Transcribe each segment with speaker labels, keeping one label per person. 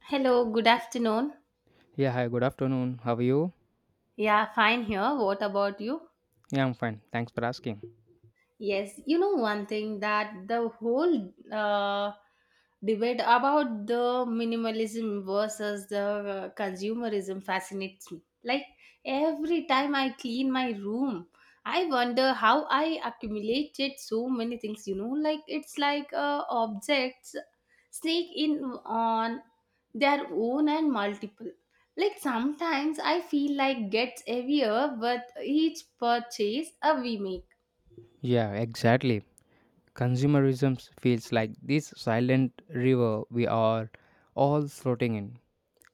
Speaker 1: Hello, good afternoon.
Speaker 2: Yeah, hi, good afternoon. How are you?
Speaker 1: Yeah, fine here. What about you?
Speaker 2: Yeah, I'm fine. Thanks for asking.
Speaker 1: Yes, you know one thing that the whole debate about the minimalism versus the consumerism fascinates me. Like every time I clean my room, I wonder how I accumulated so many things. You know, like it's like objects sneak in on their own and multiple. Like sometimes I feel like gets heavier with each purchase we make.
Speaker 2: Yeah, exactly. Consumerism feels like this silent river we are all floating in.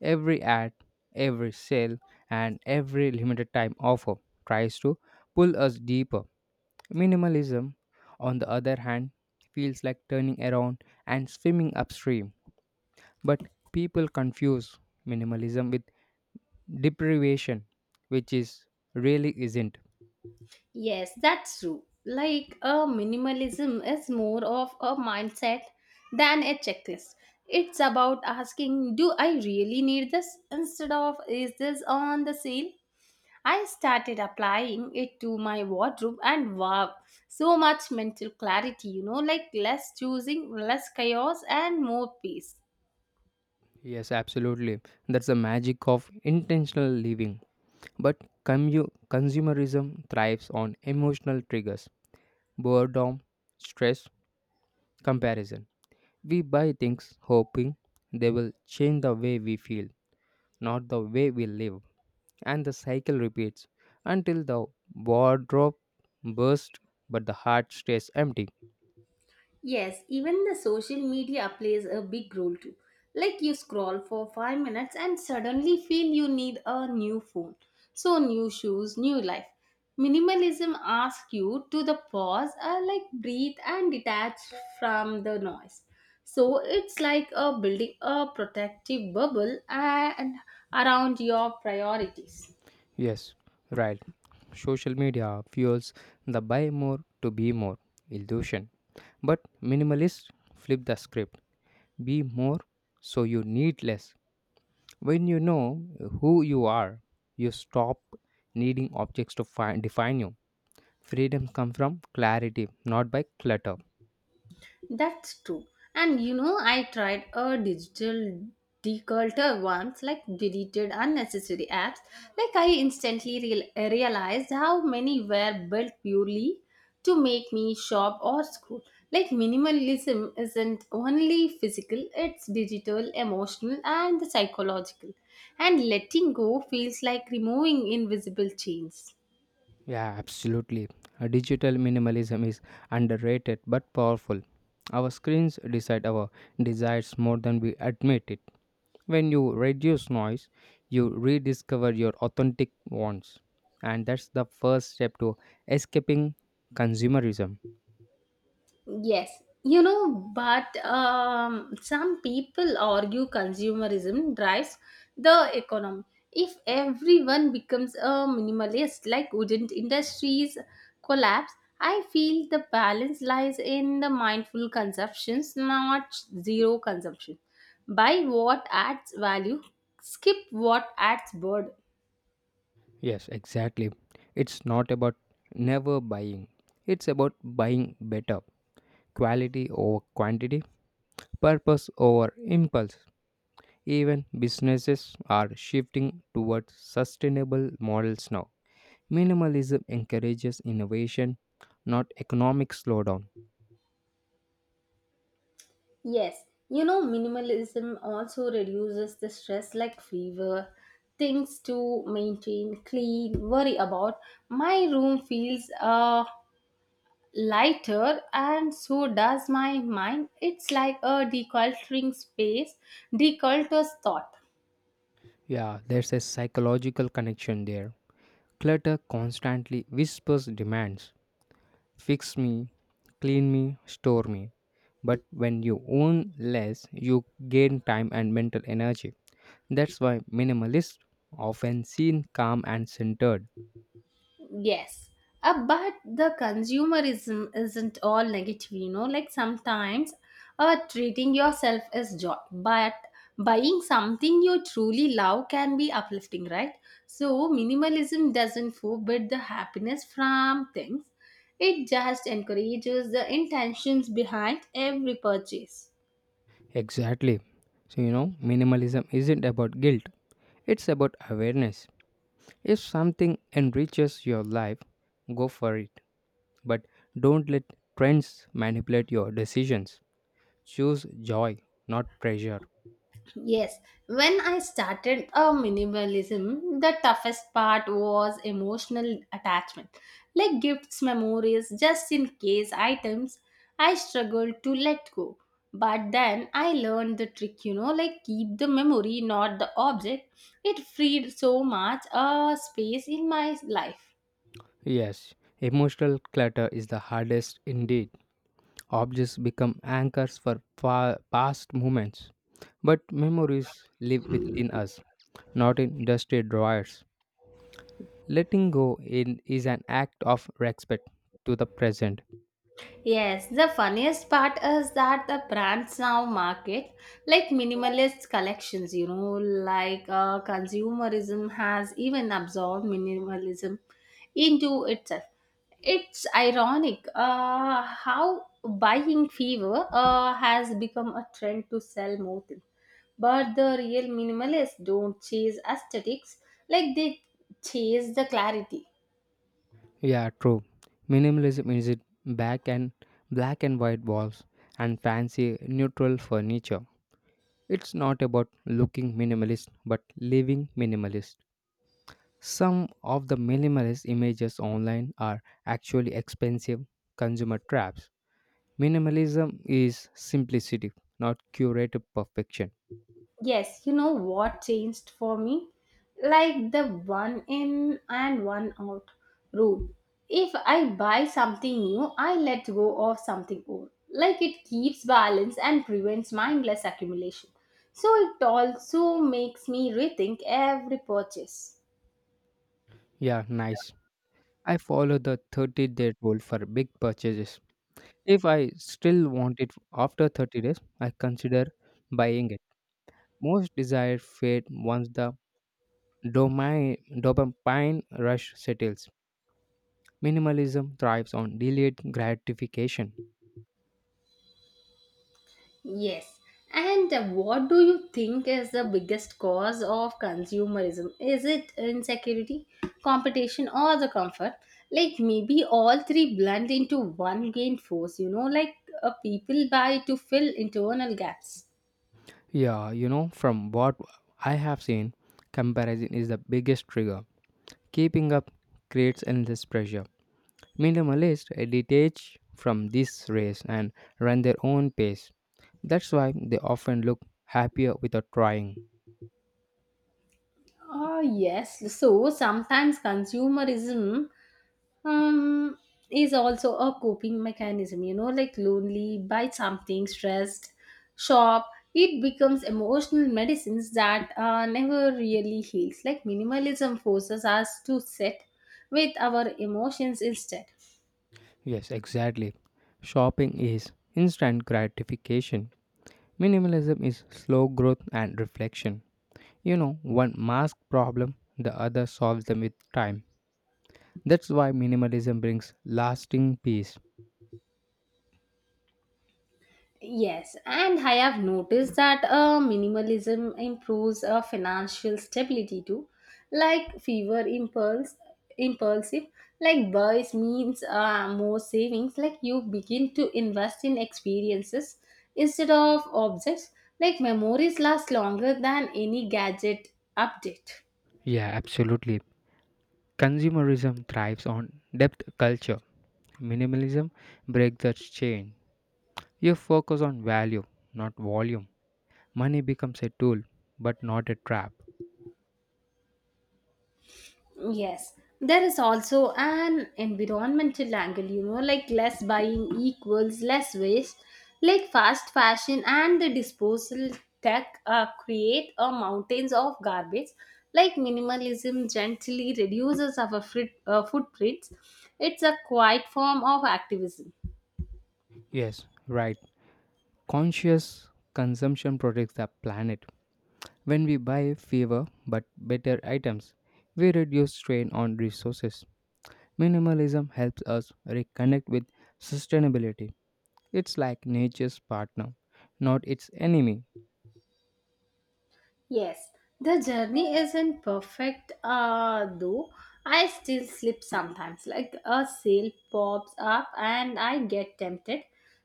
Speaker 2: Every ad, every sale, and every limited time offer tries to pull us deeper. Minimalism, on the other hand, feels like turning around and swimming upstream. But people confuse minimalism with deprivation, which is really isn't.
Speaker 1: Yes, that's true. Like a minimalism is more of a mindset than a checklist. It's about asking, do I really need this? Instead of, is this on the sale? I started applying it to my wardrobe and wow, so much mental clarity, you know, like less choosing, less chaos, and more peace.
Speaker 2: Yes, absolutely. That's the magic of intentional living. But consumerism thrives on emotional triggers, boredom, stress, comparison. We buy things hoping they will change the way we feel, not the way we live. And the cycle repeats until the wardrobe bursts but the heart stays empty.
Speaker 1: Yes, even the social media plays a big role too. Like you scroll for 5 minutes and suddenly feel you need a new phone. So, new shoes, new life. Minimalism asks you to the pause, like breathe and detach from the noise. So, it's like a building a protective bubble and around your priorities.
Speaker 2: Yes, right. Social media fuels the buy more to be more illusion. But minimalists flip the script. Be more so you need less. When you know who you are, you stop needing objects to find, define you. Freedom comes from clarity, not by clutter.
Speaker 1: That's true. And you know, I tried a digital declutter once, like deleted unnecessary apps. Like, I instantly realized how many were built purely to make me shop or scroll. Like, minimalism isn't only physical, it's digital, emotional, and psychological. And letting go feels like removing invisible chains.
Speaker 2: Yeah, absolutely. Digital minimalism is underrated but powerful. Our screens decide our desires more than we admit it. When you reduce noise, you rediscover your authentic wants. And that's the first step to escaping consumerism.
Speaker 1: Yes, you know, but some people argue consumerism drives the economy. If everyone becomes a minimalist, like wouldn't industries collapse? I feel the balance lies in the mindful consumptions, not zero consumption. Buy what adds value, skip what adds burden.
Speaker 2: Yes, exactly. It's not about never buying, it's about buying better. Quality over quantity, purpose over impulse. Even businesses are shifting towards sustainable models now. Minimalism encourages innovation, not economic slowdown.
Speaker 1: Yes, you know, minimalism also reduces the stress like fever, things to maintain, clean, worry about. My room feels lighter and so does my mind. It's like a decluttering space, declutters thought.
Speaker 2: Yeah, there's a psychological connection there. Clutter constantly whispers demands: fix me, clean me, store me. But when you own less, you gain time and mental energy. That's why minimalists often seem calm and centered.
Speaker 1: Yes. But the consumerism isn't all negative, you know. Like sometimes treating yourself is joy, but buying something you truly love can be uplifting, right? So, minimalism doesn't forbid the happiness from things, it just encourages the intentions behind every purchase.
Speaker 2: Exactly. So, you know, minimalism isn't about guilt, it's about awareness. If something enriches your life, go for it. But don't let trends manipulate your decisions. Choose joy, not pressure.
Speaker 1: Yes, when I started a minimalism, the toughest part was emotional attachment, like gifts, memories, just in case items. I struggled to let go, but then I learned the trick, you know, like keep the memory, not the object. It freed so much space in my life.
Speaker 2: Yes, emotional clutter is the hardest indeed. Objects become anchors for past moments. But memories live within us, not in dusty drawers. Letting go in is an act of respect to the present.
Speaker 1: Yes, the funniest part is that the brands now market like minimalist collections, you know, like consumerism has even absorbed minimalism into itself. It's ironic how buying fever has become a trend to sell more things. But the real minimalists don't chase aesthetics, like they chase the clarity.
Speaker 2: Yeah, true. Minimalism is it back and black and white walls and fancy neutral furniture. It's not about looking minimalist but living minimalist. Some of the minimalist images online are actually expensive consumer traps. Minimalism is simplicity, not curated perfection.
Speaker 1: Yes, you know what changed for me? Like the one in and one out rule. If I buy something new, I let go of something old. Like it keeps balance and prevents mindless accumulation. So it also makes me rethink every purchase.
Speaker 2: Yeah, nice. I follow the 30-day rule for big purchases. If I still want it after 30 days, I consider buying it most desired fate once the dopamine rush settles. Minimalism thrives on delayed gratification.
Speaker 1: Yes. And what do you think is the biggest cause of consumerism? Is it insecurity, competition, or the comfort? Like maybe all three blend into one gain force, you know, like people buy to fill internal gaps.
Speaker 2: Yeah, you know, from what I have seen, comparison is the biggest trigger. Keeping up creates endless pressure. Minimalists detach from this race and run their own pace. That's why they often look happier without trying.
Speaker 1: Ah yes, so sometimes consumerism um is also a coping mechanism, you know, like lonely buy something stressed shop it becomes emotional medicines that never really heals. Like minimalism forces us to sit with our emotions instead.
Speaker 2: Yes, exactly. Shopping is instant gratification. Minimalism is slow growth and reflection. You know, one masks problem, the other solves them with time. That's why minimalism brings lasting peace.
Speaker 1: Yes, and I have noticed that minimalism improves financial stability too. Like fever impulsive, like buys means more savings. Like you begin to invest in experiences instead of objects. Like memories last longer than any gadget update.
Speaker 2: Yeah, absolutely. Consumerism thrives on depth culture. Minimalism breaks that chain. You focus on value, not volume. Money becomes a tool, but not a trap.
Speaker 1: Yes, there is also an environmental angle, you know, like less buying equals less waste, like fast fashion and the disposal tech create a mountains of garbage. Like minimalism gently reduces our footprints. It's a quiet form of activism.
Speaker 2: Yes, right. Conscious consumption protects the planet. When we buy fewer but better items, we reduce strain on resources. Minimalism helps us reconnect with sustainability. It's like nature's partner, not its enemy.
Speaker 1: Yes, the journey isn't perfect, though. I still slip sometimes, like a sale pops up and I get tempted.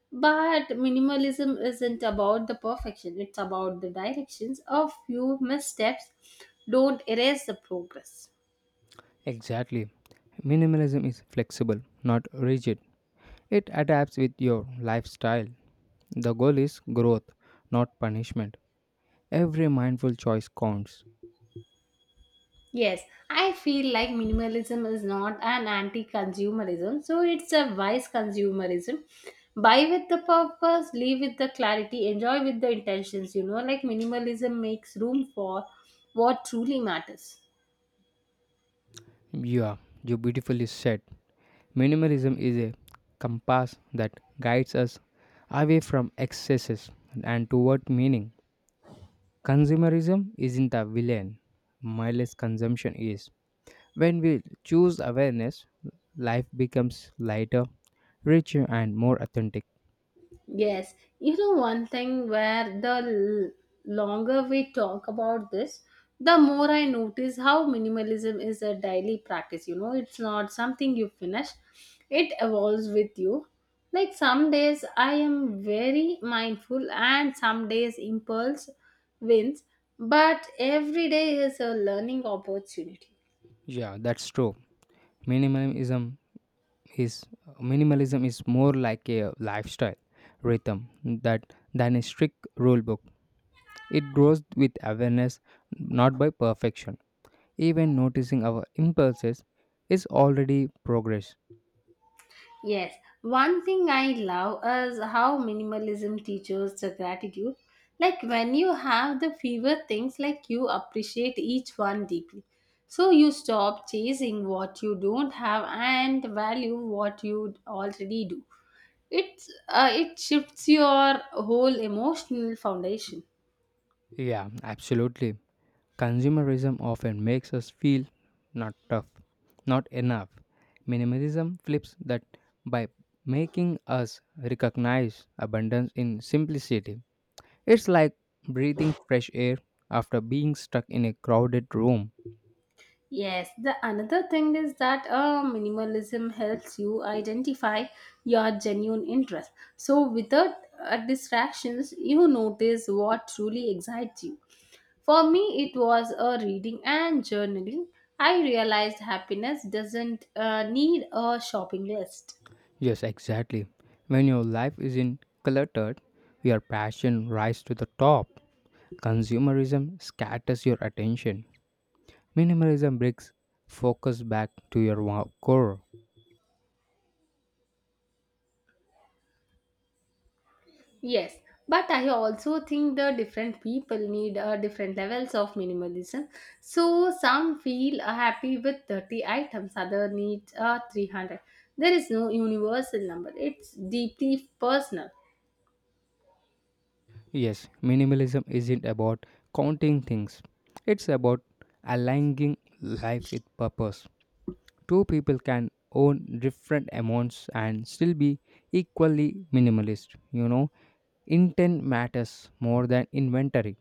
Speaker 1: But minimalism isn't about the perfection, it's about the directions. A few missteps don't erase the progress.
Speaker 2: Exactly. Minimalism is flexible, not rigid. It adapts with your lifestyle. The goal is growth, not punishment. Every mindful choice counts.
Speaker 1: Yes, I feel like minimalism is not an anti consumerism, so it's a wise consumerism. Buy with the purpose, live with the clarity, enjoy with the intentions. You know, like minimalism makes room for what truly matters.
Speaker 2: Yeah, you beautifully said. Minimalism is a compass that guides us away from excesses and toward meaning. Consumerism isn't the villain, mindless consumption is. When we choose awareness, life becomes lighter, richer, and more authentic.
Speaker 1: Yes, you know one thing where the longer we talk about this, the more I notice how minimalism is a daily practice. You know, it's not something you finish, it evolves with you. Like some days I am very mindful, and some days impulse wins, but every day is a learning opportunity.
Speaker 2: Yeah, that's true. Minimalism is minimalism is more like a lifestyle rhythm that than a strict rule book. It grows with awareness, not by perfection. Even noticing our impulses is already progress.
Speaker 1: Yes, one thing I love is how minimalism teaches the gratitude. Like when you have the fewer things, like you appreciate each one deeply. So you stop chasing what you don't have and value what you already do. It's It shifts your whole emotional foundation.
Speaker 2: Yeah, absolutely. Consumerism often makes us feel not tough, not enough. Minimalism flips that by making us recognize abundance in simplicity. It's like breathing fresh air after being stuck in a crowded room.
Speaker 1: Yes, the another thing is that minimalism helps you identify your genuine interest. So, without distractions, you notice what truly excites you. For me, it was a reading and journaling. I realized happiness doesn't need a shopping list.
Speaker 2: Yes, exactly. When your life isn't cluttered, your passion rises to the top. Consumerism scatters your attention. Minimalism brings focus back to your core.
Speaker 1: Yes, but I also think the different people need different levels of minimalism. So some feel happy with 30 items, other need 300. There is no universal number. It's deeply personal.
Speaker 2: Yes, minimalism isn't about counting things, it's about aligning life with purpose. Two people can own different amounts and still be equally minimalist. You know, intent matters more than inventory.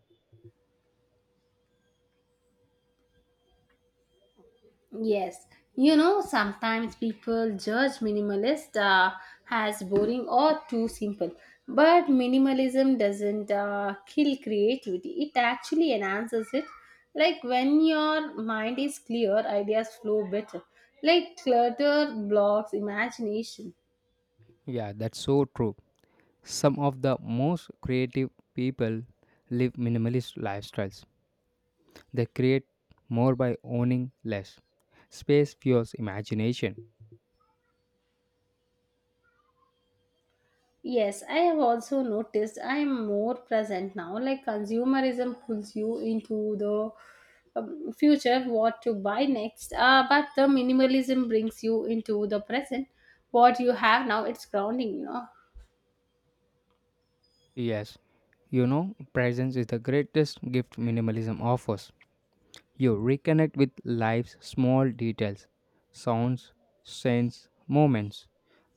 Speaker 1: Yes, you know, sometimes people judge minimalist as boring or too simple, but minimalism doesn't kill creativity, it actually enhances it. Like when your mind is clear, ideas flow better. Like clutter blocks imagination.
Speaker 2: Yeah, that's so true. Some of the most creative people live minimalist lifestyles. They create more by owning less. Space fuels imagination.
Speaker 1: Yes, I have also noticed I am more present now. Like consumerism pulls you into the future, what to buy next. But the minimalism brings you into the present. What you have now, it's grounding, you know.
Speaker 2: Yes, you know, presence is the greatest gift minimalism offers. You reconnect with life's small details, sounds, scents, moments.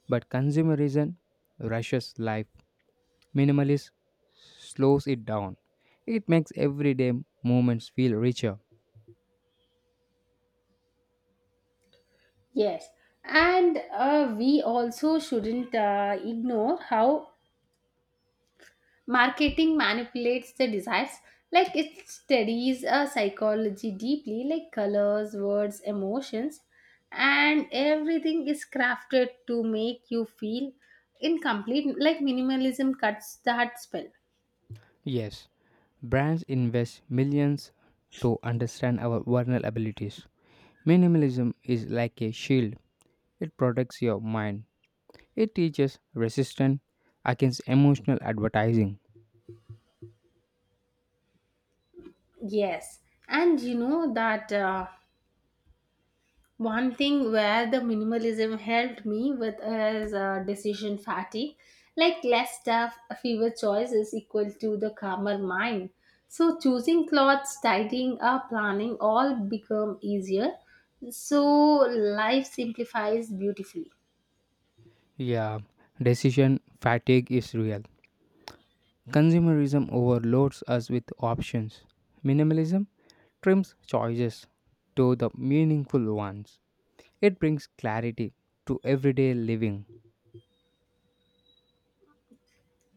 Speaker 2: But consumerism rushes life. Minimalism slows it down. It makes everyday moments feel richer.
Speaker 1: Yes, and we also shouldn't ignore how marketing manipulates the desires, like it studies psychology deeply, like colors, words, emotions, and everything is crafted to make you feel incomplete. Like minimalism cuts that spell.
Speaker 2: Yes, brands invest millions to understand our vulnerabilities. Minimalism is like a shield, it protects your mind. It teaches resistance against emotional advertising.
Speaker 1: Yes, and you know that one thing where the minimalism helped me with is decision fatigue. Like less stuff, fewer choices equal to the calmer mind. So choosing clothes, tidying up, planning all become easier. So life simplifies beautifully.
Speaker 2: Yeah, decision fatigue is real. Consumerism overloads us with options. Minimalism trims choices to the meaningful ones. It brings clarity to everyday living.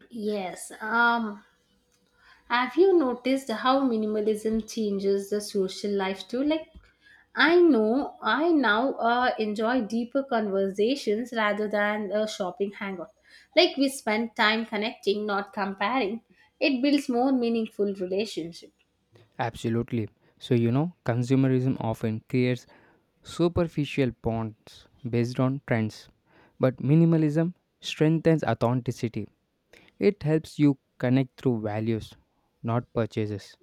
Speaker 1: Yes. Have you noticed how minimalism changes the social life too? Like I know I now enjoy deeper conversations rather than a shopping hangout. Like we spend time connecting, not comparing. It builds more meaningful relationship.
Speaker 2: Absolutely. So, you know, consumerism often creates superficial bonds based on trends, but minimalism strengthens authenticity. It helps you connect through values, not purchases.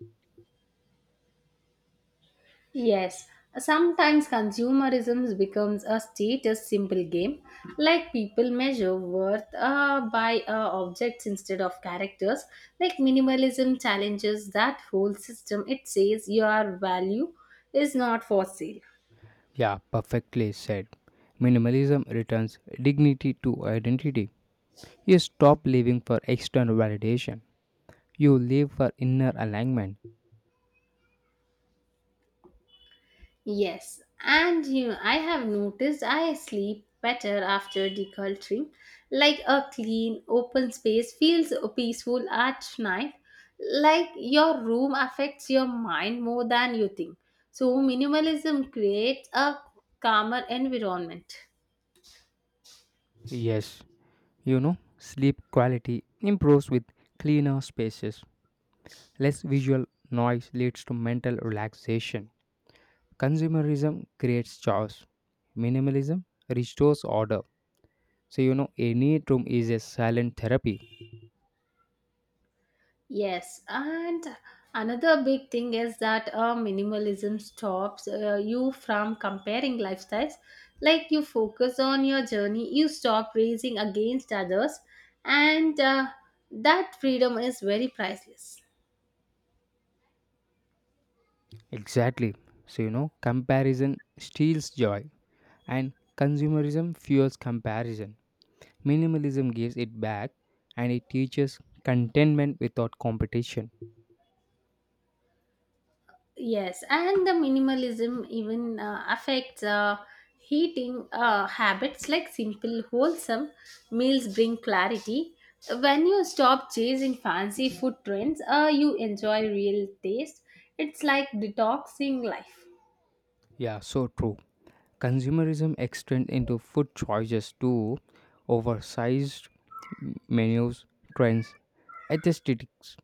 Speaker 1: Yes, sometimes consumerism becomes a status symbol game, like people measure worth by objects instead of characters. Like minimalism challenges that whole system. It says your value is not for sale.
Speaker 2: Yeah, perfectly said. Minimalism returns dignity to identity. You stop living for external validation, you live for inner alignment.
Speaker 1: Yes, and you know, I have noticed I sleep better after decluttering. Like a clean, open space feels peaceful at night. Like your room affects your mind more than you think. So, minimalism creates a calmer environment.
Speaker 2: Yes, you know, sleep quality improves with cleaner spaces. Less visual noise leads to mental relaxation. Consumerism creates chaos. Minimalism restores order. So, you know, any room is a silent therapy.
Speaker 1: Yes, and another big thing is that minimalism stops you from comparing lifestyles. Like you focus on your journey, you stop racing against others, and that freedom is very priceless.
Speaker 2: Exactly. So, you know, comparison steals joy, and consumerism fuels comparison. Minimalism gives it back and it teaches contentment without competition.
Speaker 1: Yes, and the minimalism even affects eating habits like simple, wholesome meals bring clarity. When you stop chasing fancy food trends, you enjoy real taste. It's like detoxing life.
Speaker 2: Yeah, so true. Consumerism extends into food choices too, oversized menus, trends, aesthetics.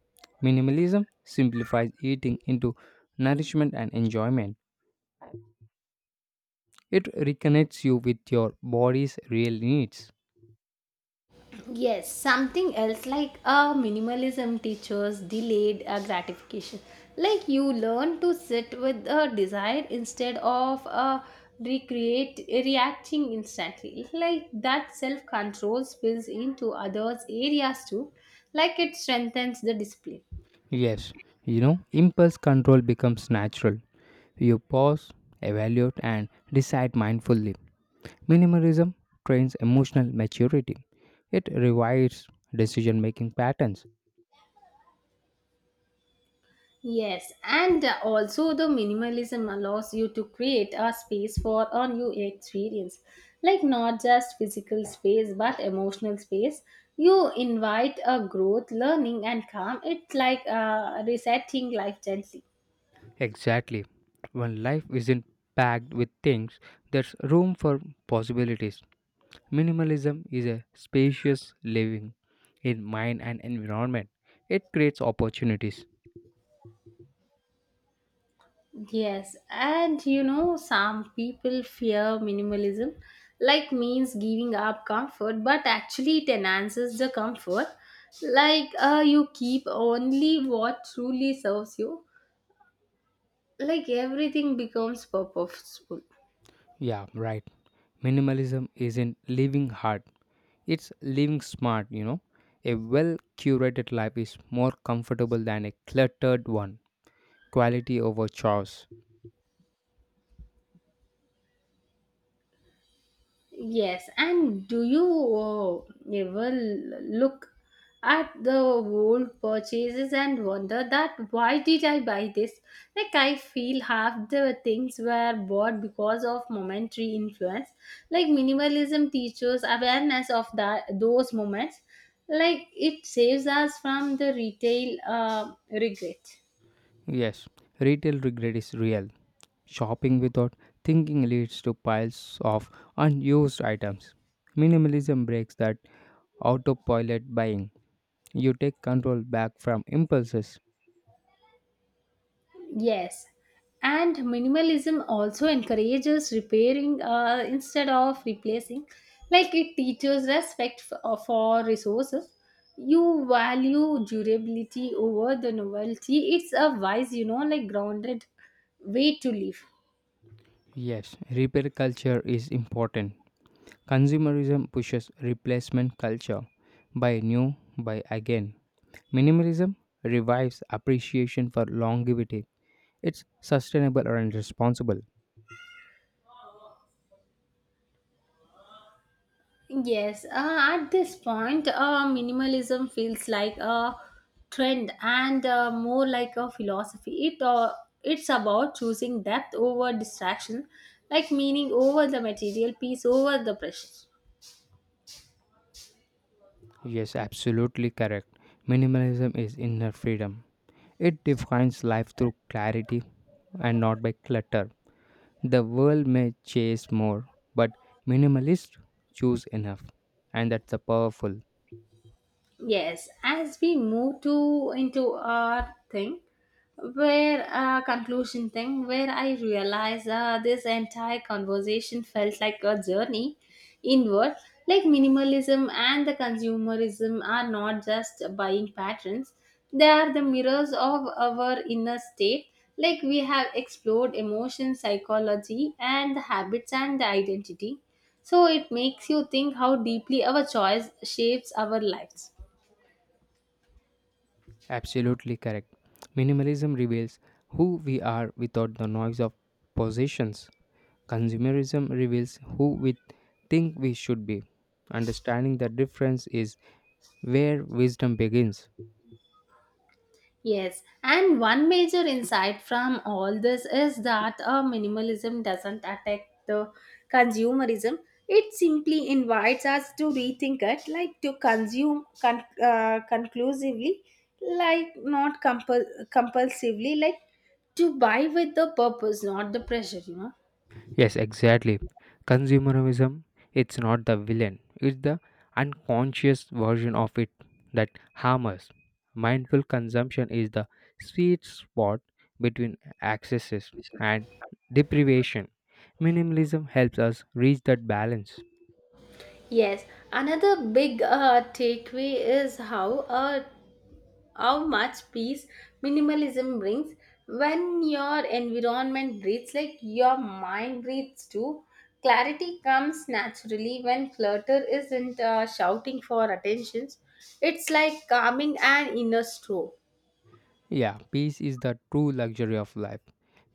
Speaker 2: Minimalism simplifies eating into nourishment and enjoyment. It reconnects you with your body's real needs.
Speaker 1: Yes, something else like minimalism teaches delayed gratification. Like you learn to sit with a desire instead of recreate reacting instantly. Like that self control spills into others' areas too. Like it strengthens the discipline.
Speaker 2: Yes, you know, impulse control becomes natural. You pause, evaluate, and decide mindfully. Minimalism trains emotional maturity. It revives decision making patterns.
Speaker 1: Yes, and also the minimalism allows you to create a space for a new experience, like not just physical space but emotional space. You invite a growth, learning, and calm. It's like resetting life gently.
Speaker 2: Exactly. When life isn't packed with things, there's room for possibilities. Minimalism is a spacious living in mind and environment. It creates opportunities.
Speaker 1: Yes, and you know, some people fear minimalism, like means giving up comfort, but actually it enhances the comfort. Like you keep only what truly serves you, like everything becomes purposeful.
Speaker 2: Yeah, right. Minimalism isn't living hard, it's living smart, you know. A well curated life is more comfortable than a cluttered one. Quality over chores.
Speaker 1: Yes, and do you uh, ever look at the old purchases and wonder that why did I buy this? Like I feel half the things were bought because of momentary influence. Like minimalism teaches awareness of that those moments. Like it saves us from the retail regret.
Speaker 2: Yes, retail regret is real. Shopping without thinking leads to piles of unused items. Minimalism breaks that autopilot buying. You take control back from impulses.
Speaker 1: Yes, and minimalism also encourages repairing instead of replacing. Like it teaches respect for resources. You value durability over the novelty. It's a wise, you know, like grounded way to live.
Speaker 2: Yes, repair culture is important. Consumerism pushes replacement culture. Buy new, buy again. Minimalism revives appreciation for longevity. It's sustainable and responsible.
Speaker 1: Yes, at this point, minimalism feels like a trend and more like a philosophy. It's about choosing depth over distraction, like meaning over the material, peace over the pressure.
Speaker 2: Yes, absolutely correct. Minimalism is inner freedom. It defines life through clarity and not by clutter. The world may chase more, but minimalists choose enough. And that's a powerful.
Speaker 1: Yes, as we move to into our thing, where conclusion thing, where I realize this entire conversation felt like a journey inward. Like minimalism and the consumerism are not just buying patterns; they are the mirrors of our inner state. Like we have explored emotion, psychology, and the habits and the identity. So it makes you think how deeply our choice shapes our lives.
Speaker 2: Absolutely correct. Minimalism reveals who we are without the noise of possessions. Consumerism reveals who we think we should be. Understanding the difference is where wisdom begins.
Speaker 1: Yes, and one major insight from all this is that minimalism doesn't attack the consumerism. It simply invites us to rethink it, like to consume conclusively, like not compulsively, like to buy with the purpose, not the pressure, you know.
Speaker 2: Yes, exactly. Consumerism, it's not the villain, it's the unconscious version of it that harms us. Mindful consumption is the sweet spot between excesses and deprivation. Minimalism helps us reach that balance.
Speaker 1: Yes, another big takeaway is how how much peace minimalism brings when your environment breathes, like your mind breathes too. Clarity comes naturally when clutter isn't shouting for attentions. It's like calming an inner storm.
Speaker 2: Yeah, peace is the true luxury of life.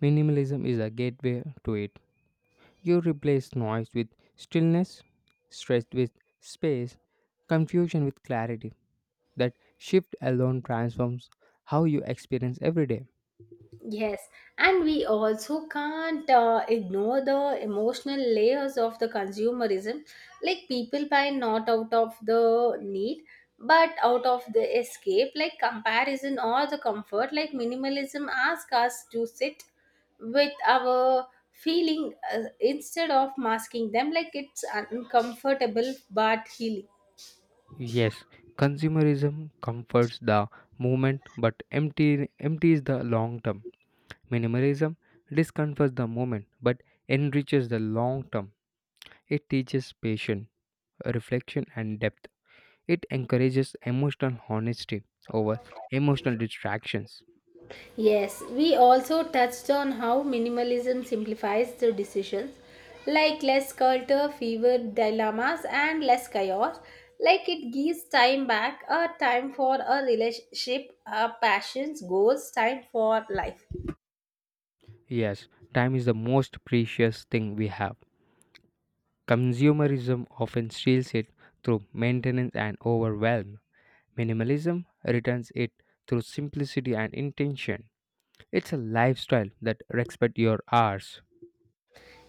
Speaker 2: Minimalism is a gateway to it. You replace noise with stillness, stress with space, confusion with clarity. That shift alone transforms how you experience every day.
Speaker 1: Yes, and we also can't ignore the emotional layers of the consumerism. Like people buy not out of the need, but out of the escape, like comparison or the comfort. Like minimalism asks us to sit with our feeling instead of masking them. Like it's uncomfortable but healing.
Speaker 2: Yes, consumerism comforts the moment but empties the long term. Minimalism discomforts the moment but enriches the long term. It teaches patience, reflection, and depth. It encourages emotional honesty over emotional distractions.
Speaker 1: Yes, we also touched on how minimalism simplifies the decisions, like less clutter, fewer dilemmas, and less chaos. Like it gives time back, a time for a relationship, a passions, goals, time for life.
Speaker 2: Yes, time is the most precious thing we have. Consumerism often steals it through maintenance and overwhelm. Minimalism returns it through simplicity and intention. It's a lifestyle that respects your hours.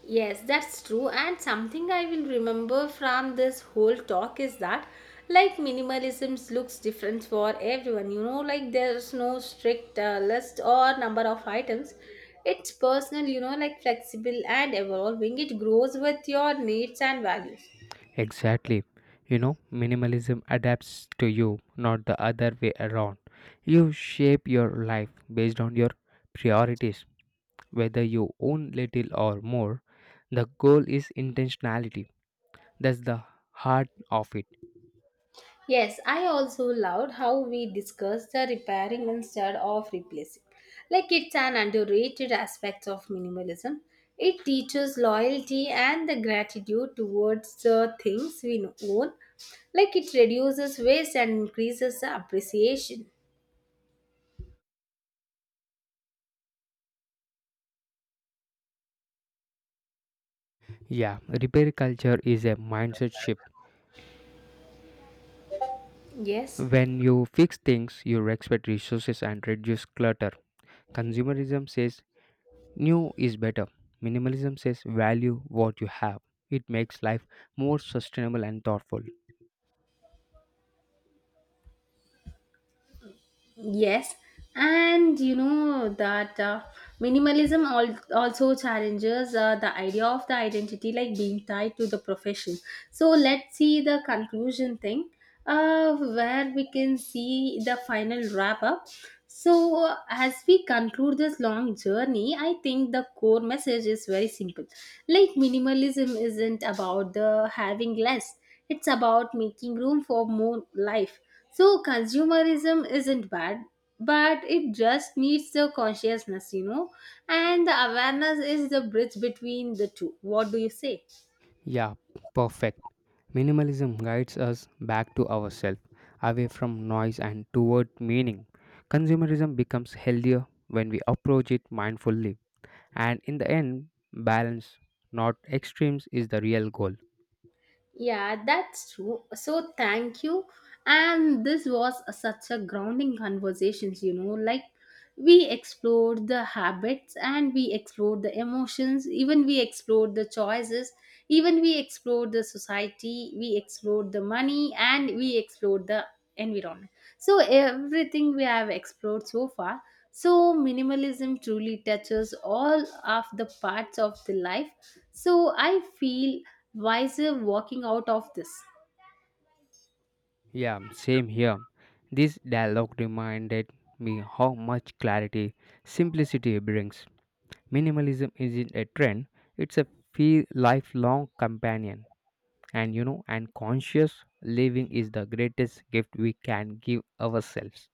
Speaker 1: Yes, that's true. And something I will remember from this whole talk is that, like, minimalism looks different for everyone. You know, like, there's no strict list or number of items. It's personal, you know, like, flexible and evolving. It grows with your needs and values.
Speaker 2: Exactly. You know, minimalism adapts to you, not the other way around. You shape your life based on your priorities, whether you own little or more. The goal is intentionality. That's the heart of it.
Speaker 1: Yes, I also loved how we discussed the repairing instead of replacing. Like it's an underrated aspect of minimalism. It teaches loyalty and the gratitude towards the things we own. Like it reduces waste and increases the appreciation.
Speaker 2: Yeah, repair culture is a mindset shift.
Speaker 1: Yes.
Speaker 2: When you fix things, you respect resources and reduce clutter. Consumerism says new is better. Minimalism says value what you have. It makes life more sustainable and thoughtful.
Speaker 1: Yes, and you know that minimalism also challenges the idea of the identity like being tied to the profession. So let's see the conclusion thing where we can see the final wrap up. So, as we conclude this long journey, I think the core message is very simple. Like, minimalism isn't about the having less, it's about making room for more life. So consumerism isn't bad, but it just needs the consciousness, you know, and the awareness is the bridge between the two. What do you say?
Speaker 2: Yeah, perfect. Minimalism guides us back to ourselves, away from noise and toward meaning. Consumerism becomes healthier when we approach it mindfully. And in the end, balance, not extremes, is the real goal.
Speaker 1: Yeah, that's true. So thank you. And this was such a grounding conversations, you know, like we explored the habits and we explored the emotions, even we explored the choices, even we explored the society, we explored the money and we explored the environment. So everything we have explored so far. So minimalism truly touches all of the parts of the life. So I feel wiser walking out of this.
Speaker 2: Yeah, same here. This dialogue reminded me how much clarity simplicity brings. Minimalism isn't a trend, it's a feel lifelong companion. And you know, and conscious living is the greatest gift we can give ourselves.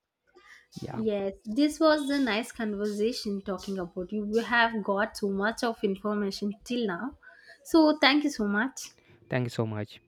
Speaker 2: Yeah,
Speaker 1: Yes, this was a nice conversation talking about you. We have got so much of information till now. So, thank you so much.
Speaker 2: thank you so much.